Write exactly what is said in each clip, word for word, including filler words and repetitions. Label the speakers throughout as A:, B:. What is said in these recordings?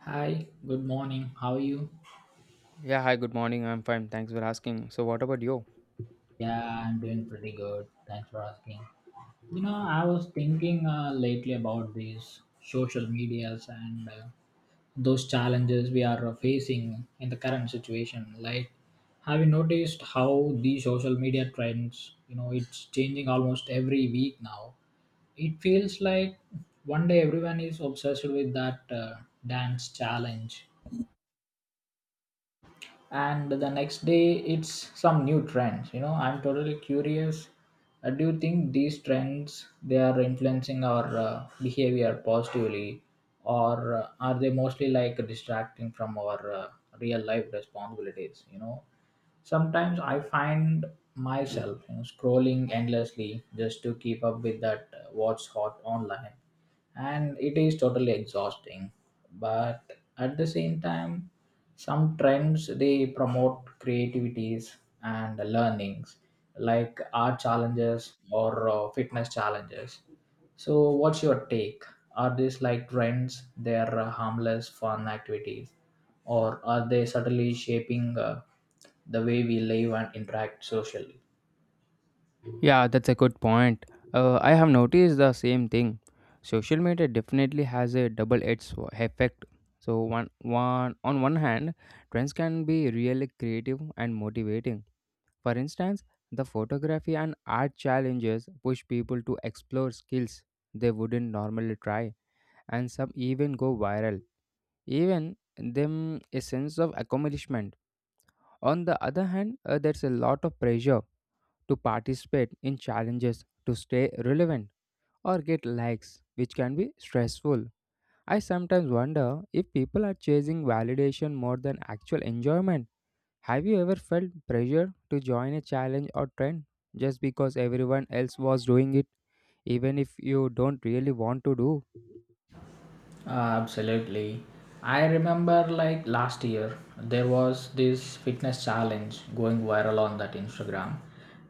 A: Hi, good morning. How are you?
B: Yeah, hi, good morning. I'm fine. Thanks for asking. So, what about you?
A: Yeah, I'm doing pretty good. Thanks for asking. You know, I was thinking uh, lately about these social medias and uh, those challenges we are uh, facing in the current situation. Like, have you noticed how the social media trends, you know, it's changing almost every week now? It feels like one day everyone is obsessed with that uh, dance challenge, and the next day it's some new trends you know I'm totally curious. Uh, do you think these trends they are influencing our uh, behavior positively, or uh, are they mostly like distracting from our uh, real life responsibilities you know Sometimes I find myself you know, scrolling endlessly just to keep up with that uh, what's hot online, and it is totally exhausting. But at the same time, some trends they promote creativities and learnings, like art challenges or uh, fitness challenges. So, what's your take? Are these like trends? They're uh, harmless fun activities, or are they subtly shaping uh, the way we live and interact socially?
B: Yeah, that's a good point. Uh, I have noticed the same thing. Social media definitely has a double-edged sw- effect. So, one, one on one hand, trends can be really creative and motivating. For instance, the photography and art challenges push people to explore skills they wouldn't normally try, and some even go viral, even them a sense of accomplishment. On the other hand, uh, there's a lot of pressure to participate in challenges, to stay relevant, or get likes, which can be stressful. I sometimes wonder if people are chasing validation more than actual enjoyment. Have you ever felt pressure to join a challenge or trend just because everyone else was doing it, even if you don't really want to do?
A: Absolutely. I remember like last year there was this fitness challenge going viral on that Instagram.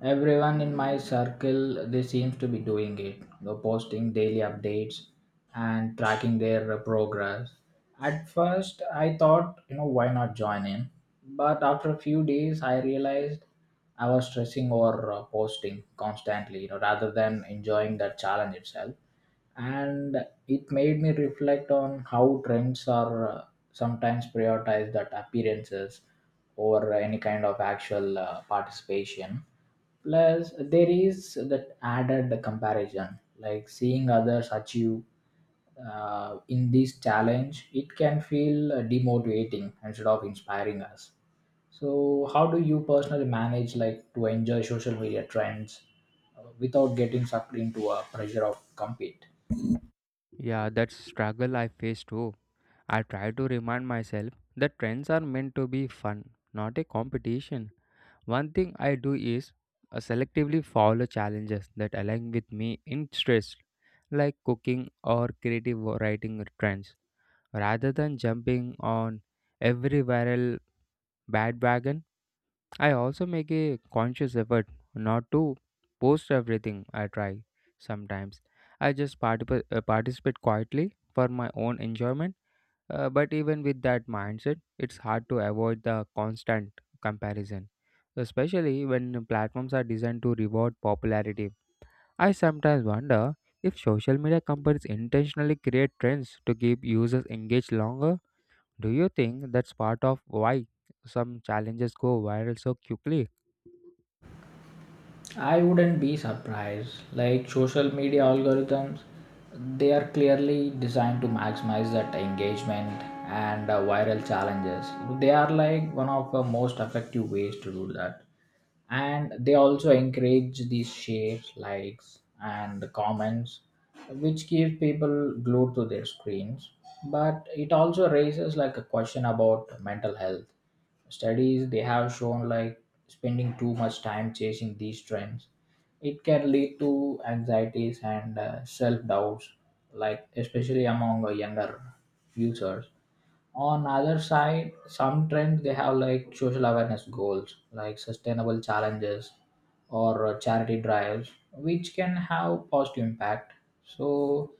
A: Everyone in my circle they seems to be doing it, you know, posting daily updates and tracking their uh, progress. At first I thought, you know, why not join in? But after a few days I realized I was stressing or uh, posting constantly, you know, rather than enjoying that challenge itself, and it made me reflect on how trends are uh, sometimes prioritized at appearances over any kind of actual uh, participation. Plus there is that added comparison, like seeing others achieve uh, in this challenge, it can feel uh, demotivating instead of inspiring us. So how do you personally manage like to enjoy social media trends uh, without getting sucked into a pressure of compete?
B: Yeah, that struggle I face too. I try to remind myself that trends are meant to be fun, not a competition. One thing I do is uh, selectively follow challenges that align with me interests like cooking or creative writing trends. Rather than jumping on every viral bandwagon, I also make a conscious effort not to post everything I try. Sometimes I just partip- uh, participate quietly for my own enjoyment, uh, but even with that mindset, it's hard to avoid the constant comparison, especially when platforms are designed to reward popularity. I sometimes wonder if social media companies intentionally create trends to keep users engaged longer. Do you think that's part of why some challenges go viral so quickly?
A: I wouldn't be surprised. Like social media algorithms, they are clearly designed to maximize that engagement and uh, viral challenges. They are like one of the most effective ways to do that. And they also encourage these shares, likes, and the comments, which keeps people glued to their screens. But it also raises like a question about mental health. Studies they have shown like spending too much time chasing these trends, it can lead to anxieties and uh, self doubts, like especially among uh, younger users. On other side, some trends they have like social awareness goals, like sustainable challenges or uh, charity drives, which can have positive impact. So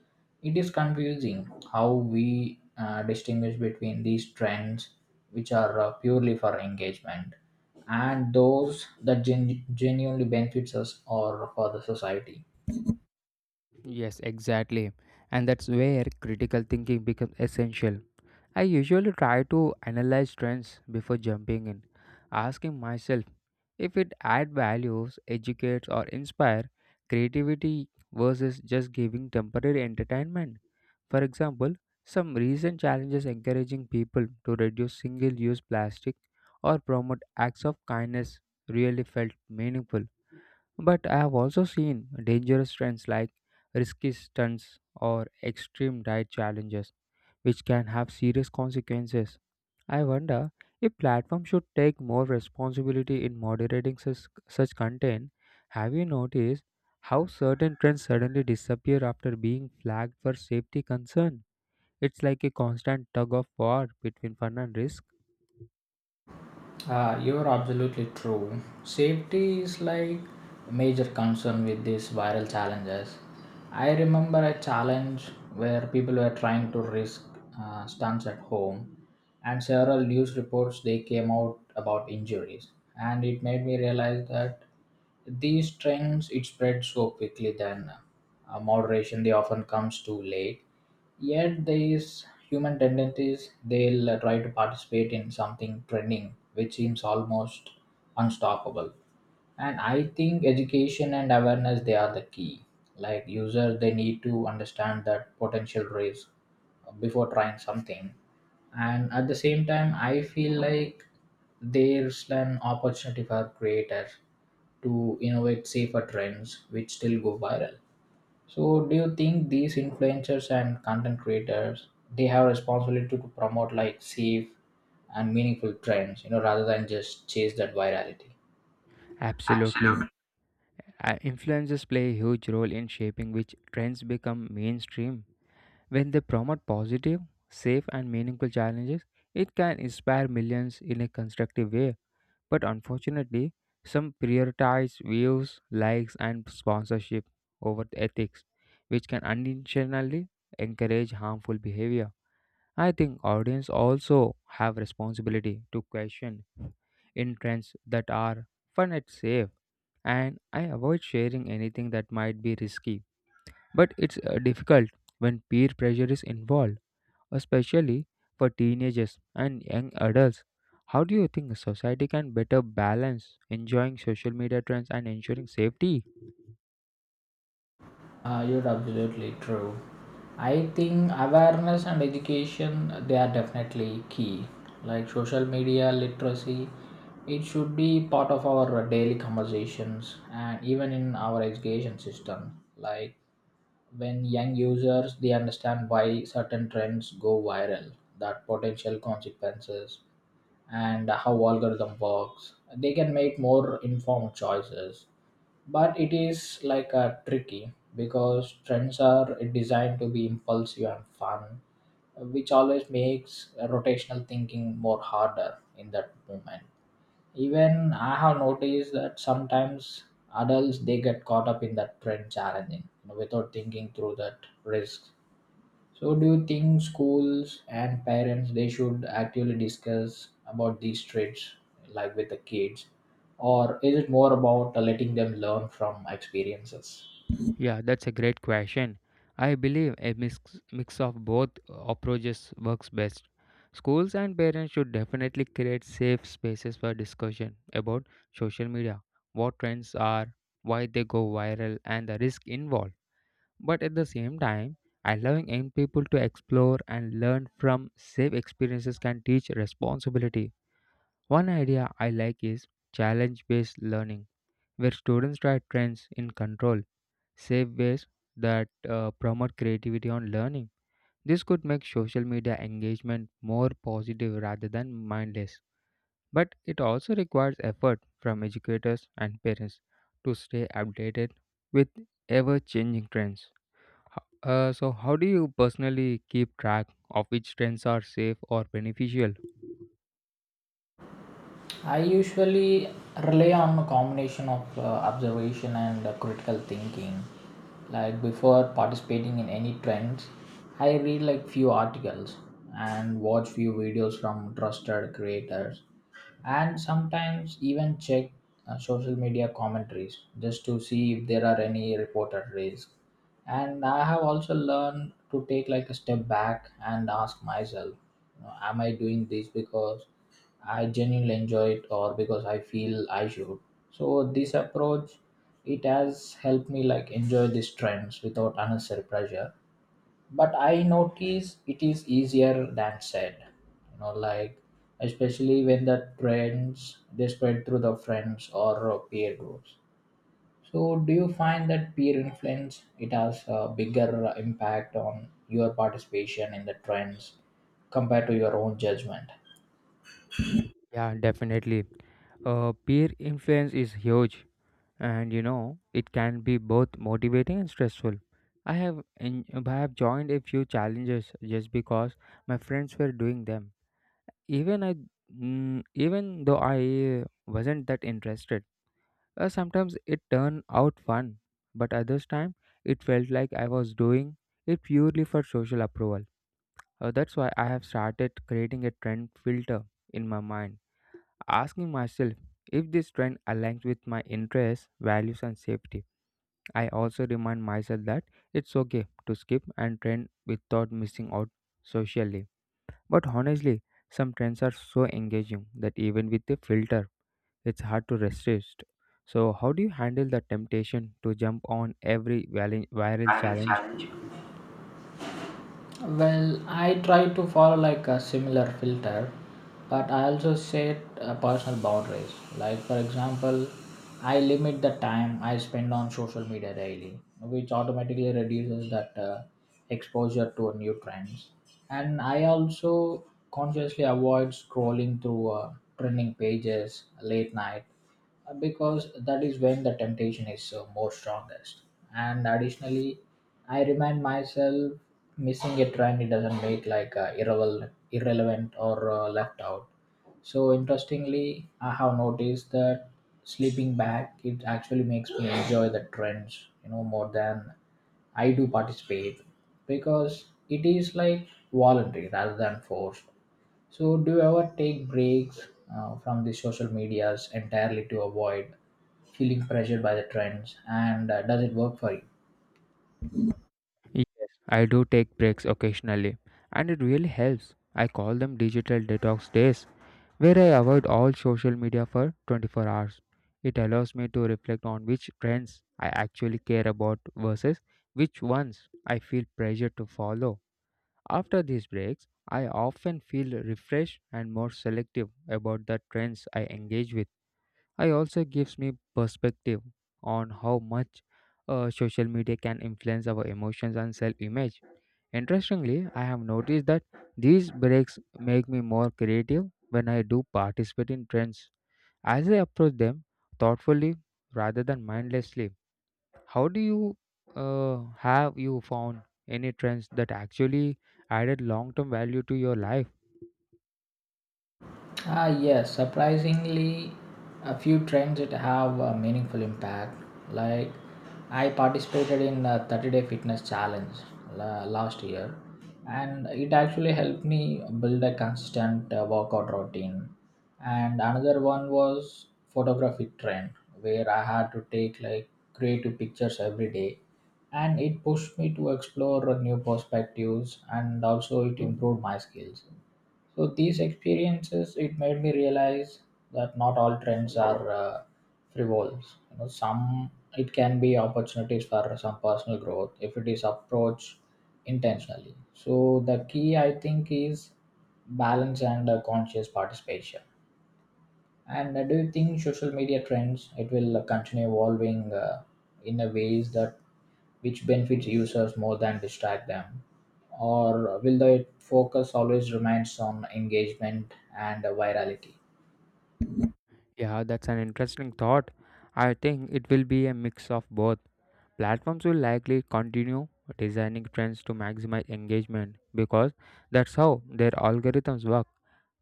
A: it is confusing how we uh, distinguish between these trends which are uh, purely for engagement and those that gen- genuinely benefits us or for the society.
B: Yes, exactly. And that's where critical thinking becomes essential. I usually try to analyze trends before jumping in, asking myself if it adds values, educates, or inspires creativity versus just giving temporary entertainment. For example, some recent challenges encouraging people to reduce single use plastic or promote acts of kindness really felt meaningful. But I have also seen dangerous trends like risky stunts or extreme diet challenges, which can have serious consequences. I wonder if platforms should take more responsibility in moderating such, such content. Have you noticed how certain trends suddenly disappear after being flagged for safety concern? It's like a constant tug of war between fun and risk.
A: Uh, you're absolutely true. Safety is like a major concern with these viral challenges. I remember a challenge where people were trying to risk uh, stunts at home, and several news reports they came out about injuries, and it made me realize that these trends it spread so quickly, then uh, moderation they often comes too late. Yet these human tendencies they'll uh, try to participate in something trending which seems almost unstoppable. And I think education and awareness they are the key. Like users they need to understand that potential risk before trying something, and at the same time I feel like there's an opportunity for creators to innovate safer trends which still go viral. So, do you think these influencers and content creators they have responsibility to promote like safe and meaningful trends, you know, rather than just chase that virality?
B: Absolutely. Uh, Influencers play a huge role in shaping which trends become mainstream. When they promote positive, safe, and meaningful challenges, it can inspire millions in a constructive way. But unfortunately, some prioritize views, likes, and sponsorship over the ethics, which can unintentionally encourage harmful behavior. I think audience also have responsibility to question in trends that are fun and safe, and I avoid sharing anything that might be risky. But it's uh, difficult when peer pressure is involved, especially for teenagers and young adults. How do you think society can better balance enjoying social media trends and ensuring safety?
A: Uh, you're absolutely true. I think awareness and education they are definitely key. Like social media literacy, it should be part of our daily conversations and even in our education system. Like, when young users they understand why certain trends go viral, that potential consequences and how algorithm works, they can make more informed choices. But it is like a tricky because trends are designed to be impulsive and fun, which always makes uh, rotational thinking more harder in that moment. Even I have noticed that sometimes adults they get caught up in that trend challenging, you know, without thinking through that risk. So do you think schools and parents they should actually discuss about these trends like with the kids? Or is it more about letting them learn from experiences?
B: Yeah, that's a great question. I believe a mix, mix of both approaches works best. Schools and parents should definitely create safe spaces for discussion about social media, what trends are, why they go viral, and the risk involved. But at the same time, allowing young people to explore and learn from safe experiences can teach responsibility. One idea I like is challenge based learning, where students try trends in control safe ways that uh, promote creativity and learning. This could make social media engagement more positive rather than mindless. But it also requires effort from educators and parents to stay updated with ever changing trends. Ho- Uh, so, how do you personally keep track of which trends are safe or beneficial?
A: I usually rely on a combination of uh, observation and uh, critical thinking. Like before participating in any trends, I read like few articles and watch few videos from trusted creators and sometimes even check uh, social media commentaries, just to see if there are any reported risks. And I have also learned to take like a step back and ask myself you know, am I doing this because I genuinely enjoy it or because I feel I should? So this approach, it has helped me like enjoy these trends without unnecessary pressure. But I notice it is easier than said you know like especially when the trends they spread through the friends or uh, peer groups. So do you find that peer influence it has a bigger uh, impact on your participation in the trends compared to your own judgment?
B: Yeah, definitely. Uh, peer influence is huge, and you know it can be both motivating and stressful. i have en- I have joined a few challenges just because my friends were doing them, even i mm, even though I wasn't that interested. Uh, sometimes it turned out fun, but others time it felt like I was doing it purely for social approval. Uh, that's why I have started creating a trend filter in my mind, asking myself if this trend aligns with my interests values and safety. I also remind myself that it's okay to skip and trend without missing out socially. But honestly, some trends are so engaging that even with a filter, it's hard to resist. So, how do you handle the temptation to jump on every vali- viral
A: I will
B: challenge?
A: challenge you. Well, I try to follow like a similar filter, but I also set uh, personal boundaries. Like for example, I limit the time I spend on social media daily, which automatically reduces that uh, exposure to new trends. And I also consciously avoid scrolling through uh, trending pages late night, because that is when the temptation is uh, more strongest. And additionally, I remind myself missing a trend it doesn't make like uh, irrelevant irrelevant or uh, left out. So interestingly, I have noticed that sleeping back it actually makes me enjoy the trends you know more than I do participate, because it is like voluntary rather than forced. So do you ever take breaks uh, from the social medias entirely to avoid feeling pressured by the trends, and uh, does it work for you?
B: Yes, I do take breaks occasionally, and it really helps. I call them digital detox days, where I avoid all social media for twenty-four hours. It allows me to reflect on which trends I actually care about versus which ones I feel pressured to follow. After these breaks, I often feel refreshed and more selective about the trends I engage with. I also gives me perspective on how much uh, social media can influence our emotions and self-image. Interestingly, I have noticed that these breaks make me more creative when I do participate in trends. As I approach them thoughtfully rather than mindlessly, how do you uh, have you found any trends that actually added long term value to your life?
A: Ah, yes, surprisingly, a few trends that have a meaningful impact. Like, I participated in a thirty day fitness challenge la- last year, and it actually helped me build a consistent uh, workout routine. And another one was photography trend, where I had to take like creative pictures every day, and it pushed me to explore new perspectives, and also it improved my skills. So these experiences it made me realize that not all trends are uh, frivols. You know, some it can be opportunities for some personal growth if it is approached intentionally. So the key I think is balance and uh, conscious participation. And uh, do you think social media trends it will uh, continue evolving uh, in a ways that which benefits users more than distract them, or will the focus always remains on engagement and uh, virality?
B: Yeah, that's an interesting thought. I think it will be a mix of both. Platforms will likely continue designing trends to maximize engagement because that's how their algorithms work.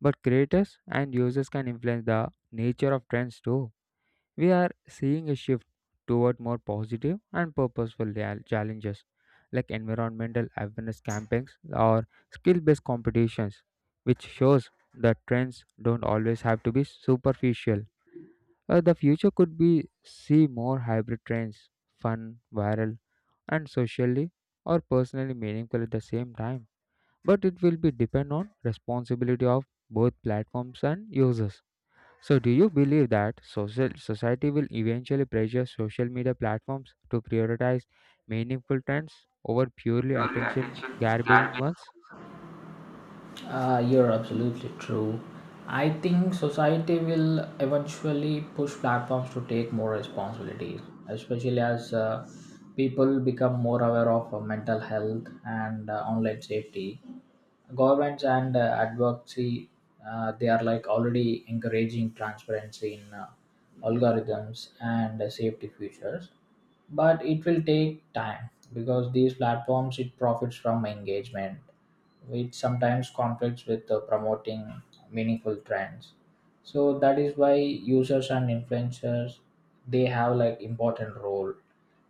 B: But creators and users can influence the nature of trends too. We are seeing a shift toward more positive and purposeful real- challenges like environmental awareness campaigns or skill based competitions, which shows that trends don't always have to be superficial. Uh, the future could be see more hybrid trends, fun, viral and socially or personally meaningful at the same time. But it will be depend on responsibility of both platforms and users. So do you believe that social society will eventually pressure social media platforms to prioritize meaningful trends over purely
A: Your
B: attention
A: attention can
B: grabbing
A: be.
B: ones?
A: Uh, you're absolutely true. I think society will eventually push platforms to take more responsibilities, especially as uh, people become more aware of uh, mental health and uh, online safety. Governments and uh, advocacy, uh, they are like already encouraging transparency in uh, algorithms and uh, safety features, but it will take time because these platforms it profits from engagement, which sometimes conflicts with uh, promoting meaningful trends. So that is why users and influencers they have like important role.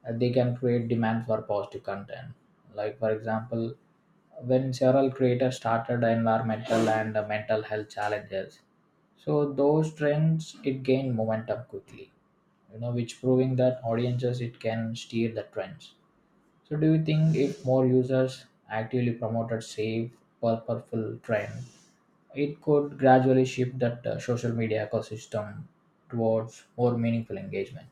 A: Uh, they can create demand for positive content, like for example, when several creators started environmental and uh, mental health challenges, so those trends it gained momentum quickly you know which proving that audiences it can steer the trends. So do you think if more users actively promoted safe purposeful trend, it could gradually shift that uh, social media ecosystem towards more meaningful engagement?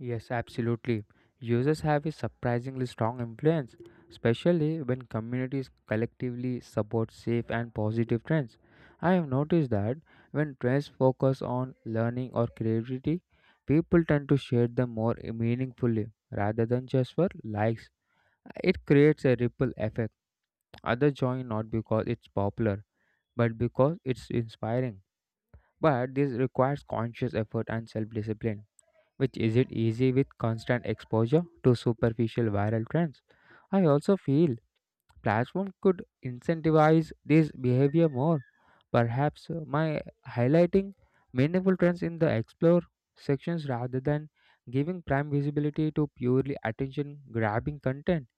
B: Yes, absolutely. Users have a surprisingly strong influence, especially when communities collectively support safe and positive trends. I have noticed that when trends focus on learning or creativity, people tend to share them more meaningfully rather than just for likes. It creates a ripple effect. Others join not because it's popular, but because it's inspiring. But this requires conscious effort and self discipline which isn't easy with constant exposure to superficial viral trends. I also feel platforms could incentivize this behavior more. Perhaps uh, my highlighting meaningful trends in the explore sections rather than giving prime visibility to purely attention grabbing content.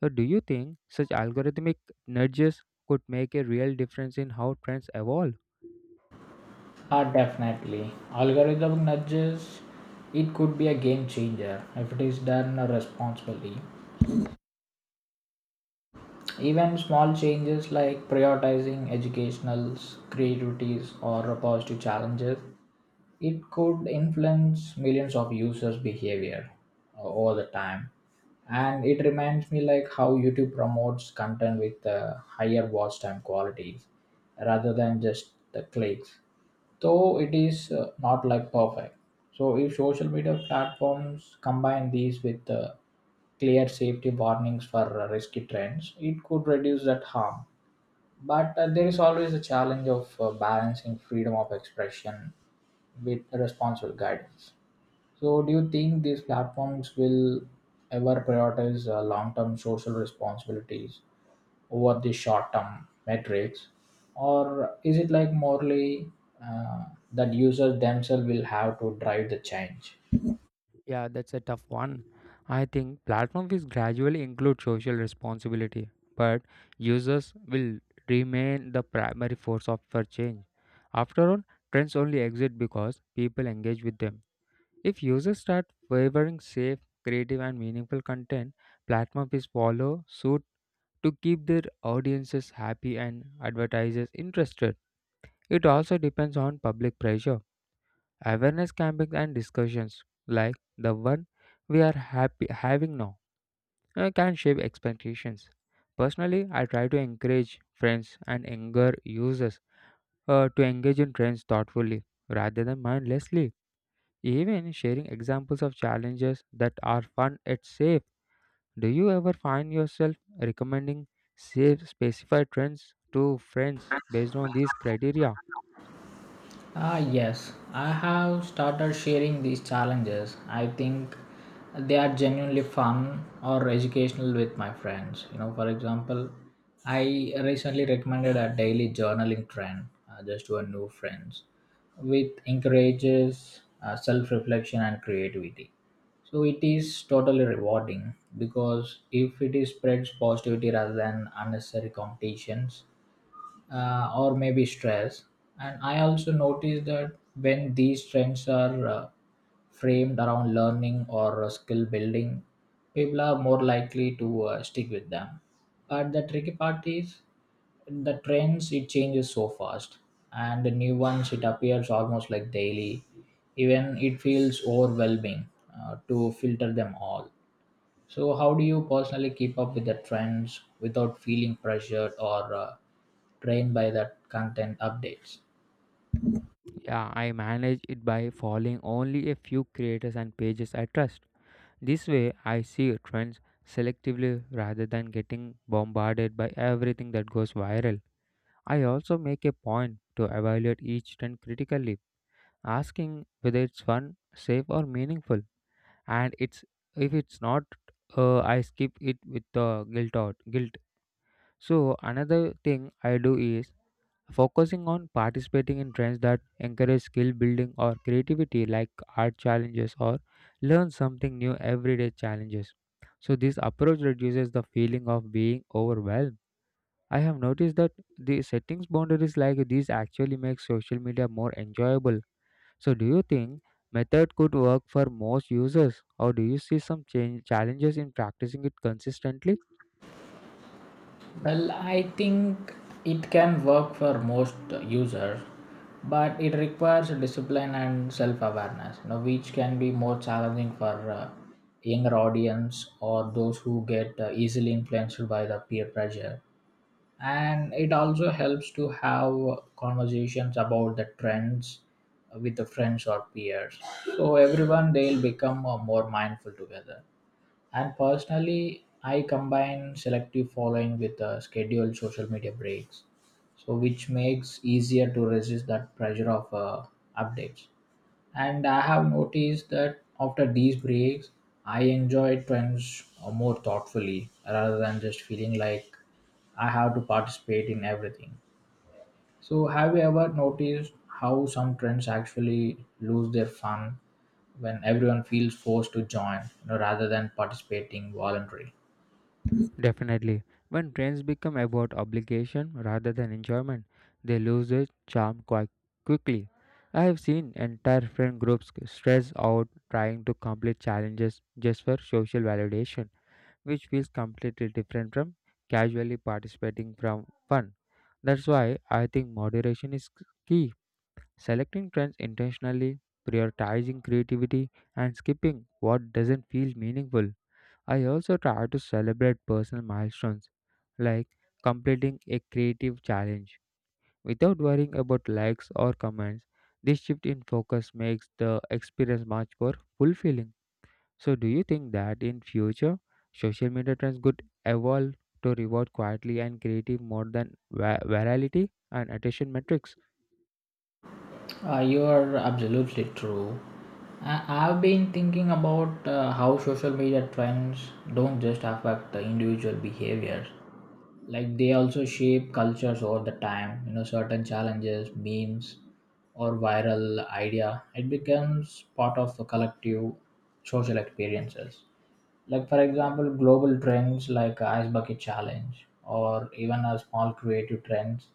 B: So do you think such algorithmic nudges could make a real difference in how trends evolve?
A: Ah, definitely. Algorithm nudges, it could be a game changer if it is done responsibly. Even small changes like prioritizing educationals, creativities or positive challenges, it could influence millions of users' behavior uh, over the time. And it reminds me like how YouTube promotes content with uh, higher watch time qualities rather than just the clicks, though it is uh, not like perfect. So if social media platforms combine these with uh, clear safety warnings for uh, risky trends, it could reduce that harm. But uh, there is always a challenge of uh, balancing freedom of expression with responsible guidance. So, do you think these platforms will ever prioritize uh, long-term social responsibilities over the short-term metrics, or is it like morally, uh, that users themselves will have to drive the change?
B: Yeah, that's a tough one. I think platform will gradually include social responsibility, but users will remain the primary force of for change. After all, trends only exist because people engage with them. If users start favoring safe, creative, and meaningful content, platform will follow suit to keep their audiences happy and advertisers interested. It also depends on public pressure. Awareness campaigns and discussions like the one we are happy having now uh, can shape expectations. Personally, I try to encourage friends and younger users uh, to engage in trends thoughtfully rather than mindlessly. Even sharing examples of challenges that are fun and safe. Do you ever find yourself recommending safe specified trends to friends based on these criteria?
A: Ah, yes, I have started sharing these challenges I think they are genuinely fun or educational with my friends. You know, for example, I recently recommended a daily journaling trend uh, just to our new friends, which encourages uh, self reflection and creativity. So it is totally rewarding because if it is spreads positivity rather than unnecessary competitions, uh, or maybe stress. And I also noticed that when these trends are uh, framed around learning or uh, skill building, people are more likely to uh, stick with them. But the tricky part is the trends it changes so fast, and the new ones it appears almost like daily. Even it feels overwhelming uh, to filter them all. So, how do you personally keep up with the trends without feeling pressured or uh, drained by the content updates?
B: Yeah, I manage it by following only a few creators and pages I trust. This way, I see trends selectively rather than getting bombarded by everything that goes viral. I also make a point to evaluate each trend critically, asking whether it's fun, safe, or meaningful. And it's if it's not, uh, I skip it with the guilt out guilt. So another thing I do is focusing on participating in trends that encourage skill building or creativity, like art challenges or learn something new everyday challenges. So, this approach reduces the feeling of being overwhelmed. I have noticed that the settings boundaries like these actually make social media more enjoyable. So, do you think method could work for most users, or do you see some change, challenges in practicing it consistently?
A: Well, I think it can work for most users, but it requires discipline and self-awareness, you know, which can be more challenging for uh, younger audience or those who get uh, easily influenced by the peer pressure. And it also helps to have conversations about the trends with the friends or peers so everyone they'll become uh, more mindful together. And personally, I combine selective following with uh, scheduled social media breaks, so which makes easier to resist that pressure of uh, updates. And I have noticed that after these breaks, I enjoy trends uh, more thoughtfully rather than just feeling like I have to participate in everything. So, have you ever noticed how some trends actually lose their fun when everyone feels forced to join, you know, rather than participating voluntarily?
B: Definitely. When trends become about obligation rather than enjoyment, they lose their charm quite quickly. I have seen entire friend groups stress out trying to complete challenges just for social validation, which feels completely different from casually participating from fun. That's why I think moderation is key. Selecting trends intentionally, prioritizing creativity, and skipping what doesn't feel meaningful. I also try to celebrate personal milestones like completing a creative challenge without worrying about likes or comments. This shift in focus makes the experience much more fulfilling. So do you think that in future social media trends could evolve to reward quietly and creative more than va- virality and attention metrics?
A: Uh, you are absolutely true. I- I've been thinking about uh, how social media trends don't just affect the individual behaviors. Like they also shape cultures over the time. You know, certain challenges, memes, or viral idea, it becomes part of the collective social experiences. Like for example, global trends like ice bucket challenge, or even a small creative trends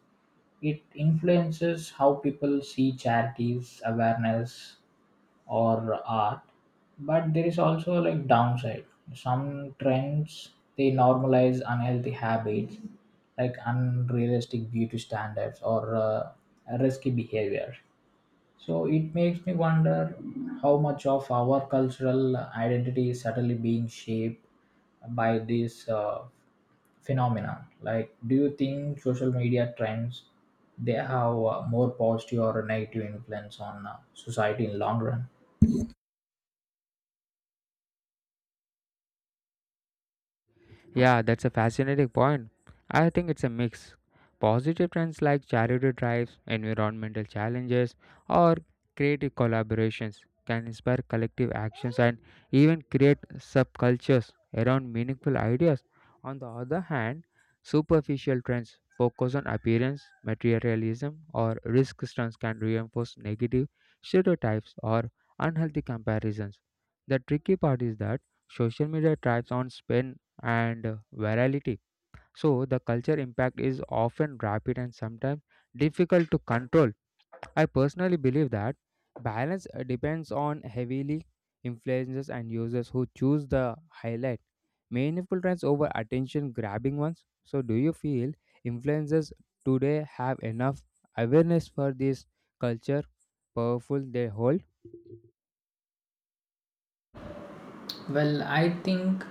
A: it influences how people see charities, awareness, or art. But there is also like downside. Some trends they normalize unhealthy habits, like unrealistic beauty standards or uh, risky behavior. So it makes me wonder how much of our cultural identity is subtly being shaped by these uh, phenomenon, like do you think social media trends they have a more positive or negative influence on uh, society in long run?
B: Yeah, that's a fascinating point. I think it's a mix. Positive trends like charity drives, environmental challenges, or creative collaborations can inspire collective actions and even create subcultures around meaningful ideas. On the other hand, superficial trends focus on appearance, materialism, or risk stunts can reinforce negative stereotypes or unhealthy comparisons. The tricky part is that social media thrives on spin and uh, virality. So the culture impact is often rapid and sometimes difficult to control. I personally believe that balance uh, depends on heavily influencers and users who choose the highlight meaningful trends over attention grabbing ones. So do you feel influencers today have enough awareness for this culture powerful they hold?
A: Well, I think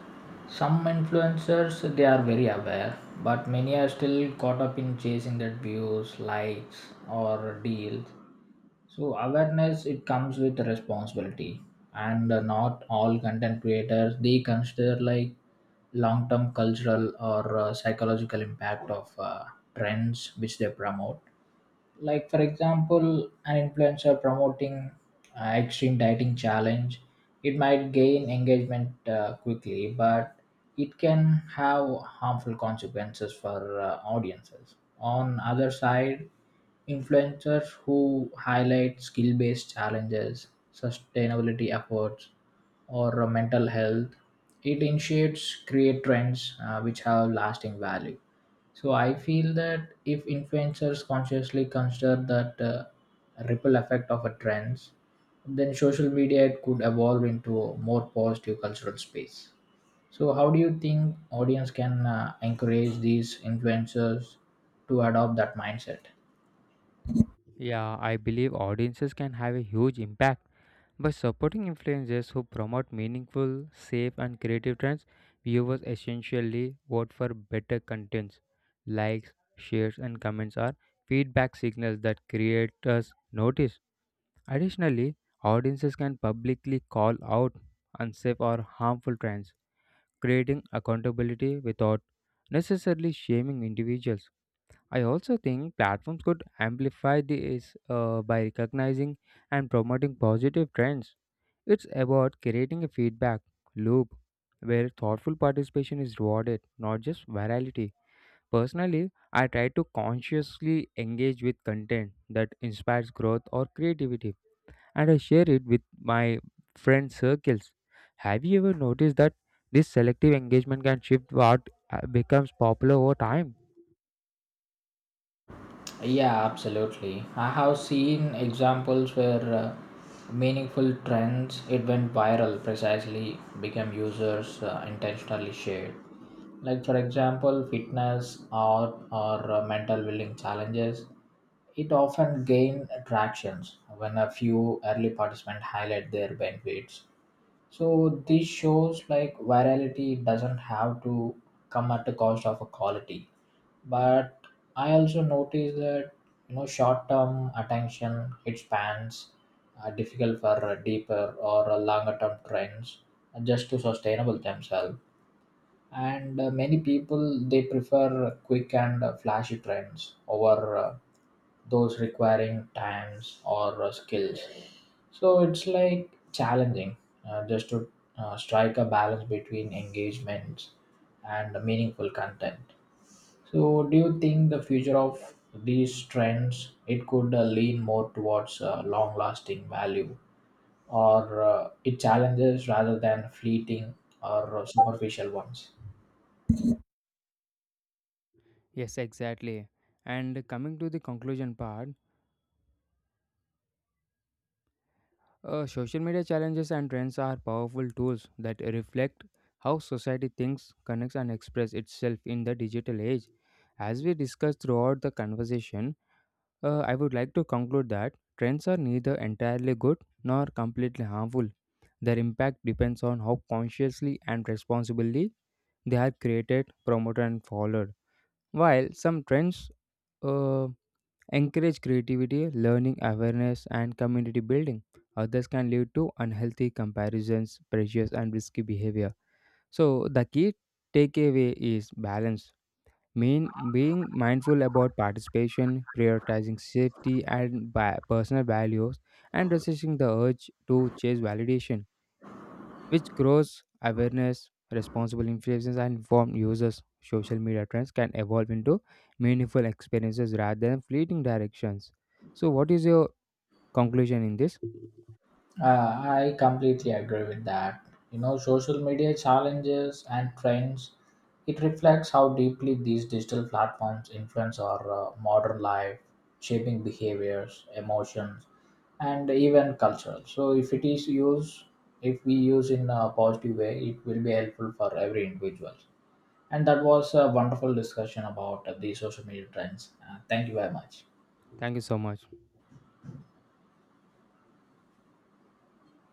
A: some influencers they are very aware, but many are still caught up in chasing that views, likes, or deals. So awareness it comes with responsibility, and uh, not all content creators they consider like long-term cultural or uh, psychological impact of uh, trends which they promote. Like for example an influencer promoting uh, extreme dieting challenge, it might gain engagement uh, quickly, but it can have harmful consequences for uh, audiences. On other side, influencers who highlight skill based challenges, sustainability efforts, or uh, mental health, it initiates create trends uh, which have lasting value. So I feel that if influencers consciously consider that uh, ripple effect of a trends, then social media could evolve into a more positive cultural space. So how do you think audience can uh, encourage these influencers to adopt that mindset?
B: Yeah, I believe audiences can have a huge impact. By supporting influencers who promote meaningful, safe, and creative trends, viewers essentially vote for better contents. Likes, shares, and comments are feedback signals that creators notice. Additionally, audiences can publicly call out unsafe or harmful trends, creating accountability without necessarily shaming individuals. I also think platforms could amplify this uh, by recognizing and promoting positive trends. It's about creating a feedback loop where thoughtful participation is rewarded, not just virality. Personally, I try to consciously engage with content that inspires growth or creativity, and I share it with my friend circles. Have you ever noticed that this selective engagement can shift what uh, becomes popular over time?
A: Yeah, absolutely. I have seen examples where uh, meaningful trends it went viral precisely became users uh, intentionally shared. Like for example, fitness, art, or uh, mental willing challenges. It often gain attractions when a few early participants highlight their benefits. So this shows like virality doesn't have to come at the cost of a quality, but I also noticed that, you know, short term attention it spans are difficult for uh, deeper or uh, longer term trends uh, just to sustainable themselves. And uh, many people they prefer quick and uh, flashy trends over uh, those requiring times or uh, skills. So it's like challenging uh, just to uh, strike a balance between engagements and meaningful content. So, do you think the future of these trends it could uh, lean more towards uh, long-lasting value, or uh, it challenges rather than fleeting or uh, superficial ones?
B: Yes, exactly. And coming to the conclusion part, uh, social media challenges and trends are powerful tools that reflect how society thinks, connects, and expresses itself in the digital age. As we discussed throughout the conversation, uh, I would like to conclude that trends are neither entirely good nor completely harmful. Their impact depends on how consciously and responsibly they are created, promoted, and followed. While some trends uh, encourage creativity, learning awareness, and community building. Others can lead to unhealthy comparisons, pressures, and risky behavior. So, the key takeaway is balance. Mean Being mindful about participation, prioritizing safety and ba- personal values, and resisting the urge to chase validation which grows awareness, responsible influences, and informed users. Social media trends can evolve into meaningful experiences rather than fleeting directions. So, what is your conclusion in this?
A: Uh, I completely agree with that. You know, social media challenges and trends, it reflects how deeply these digital platforms influence our uh, modern life, shaping behaviors, emotions, and even culture. So, if it is used, if we use in a positive way, it will be helpful for every individual. And that was a wonderful discussion about uh, the social media trends. Uh, thank you very much.
B: Thank you so much.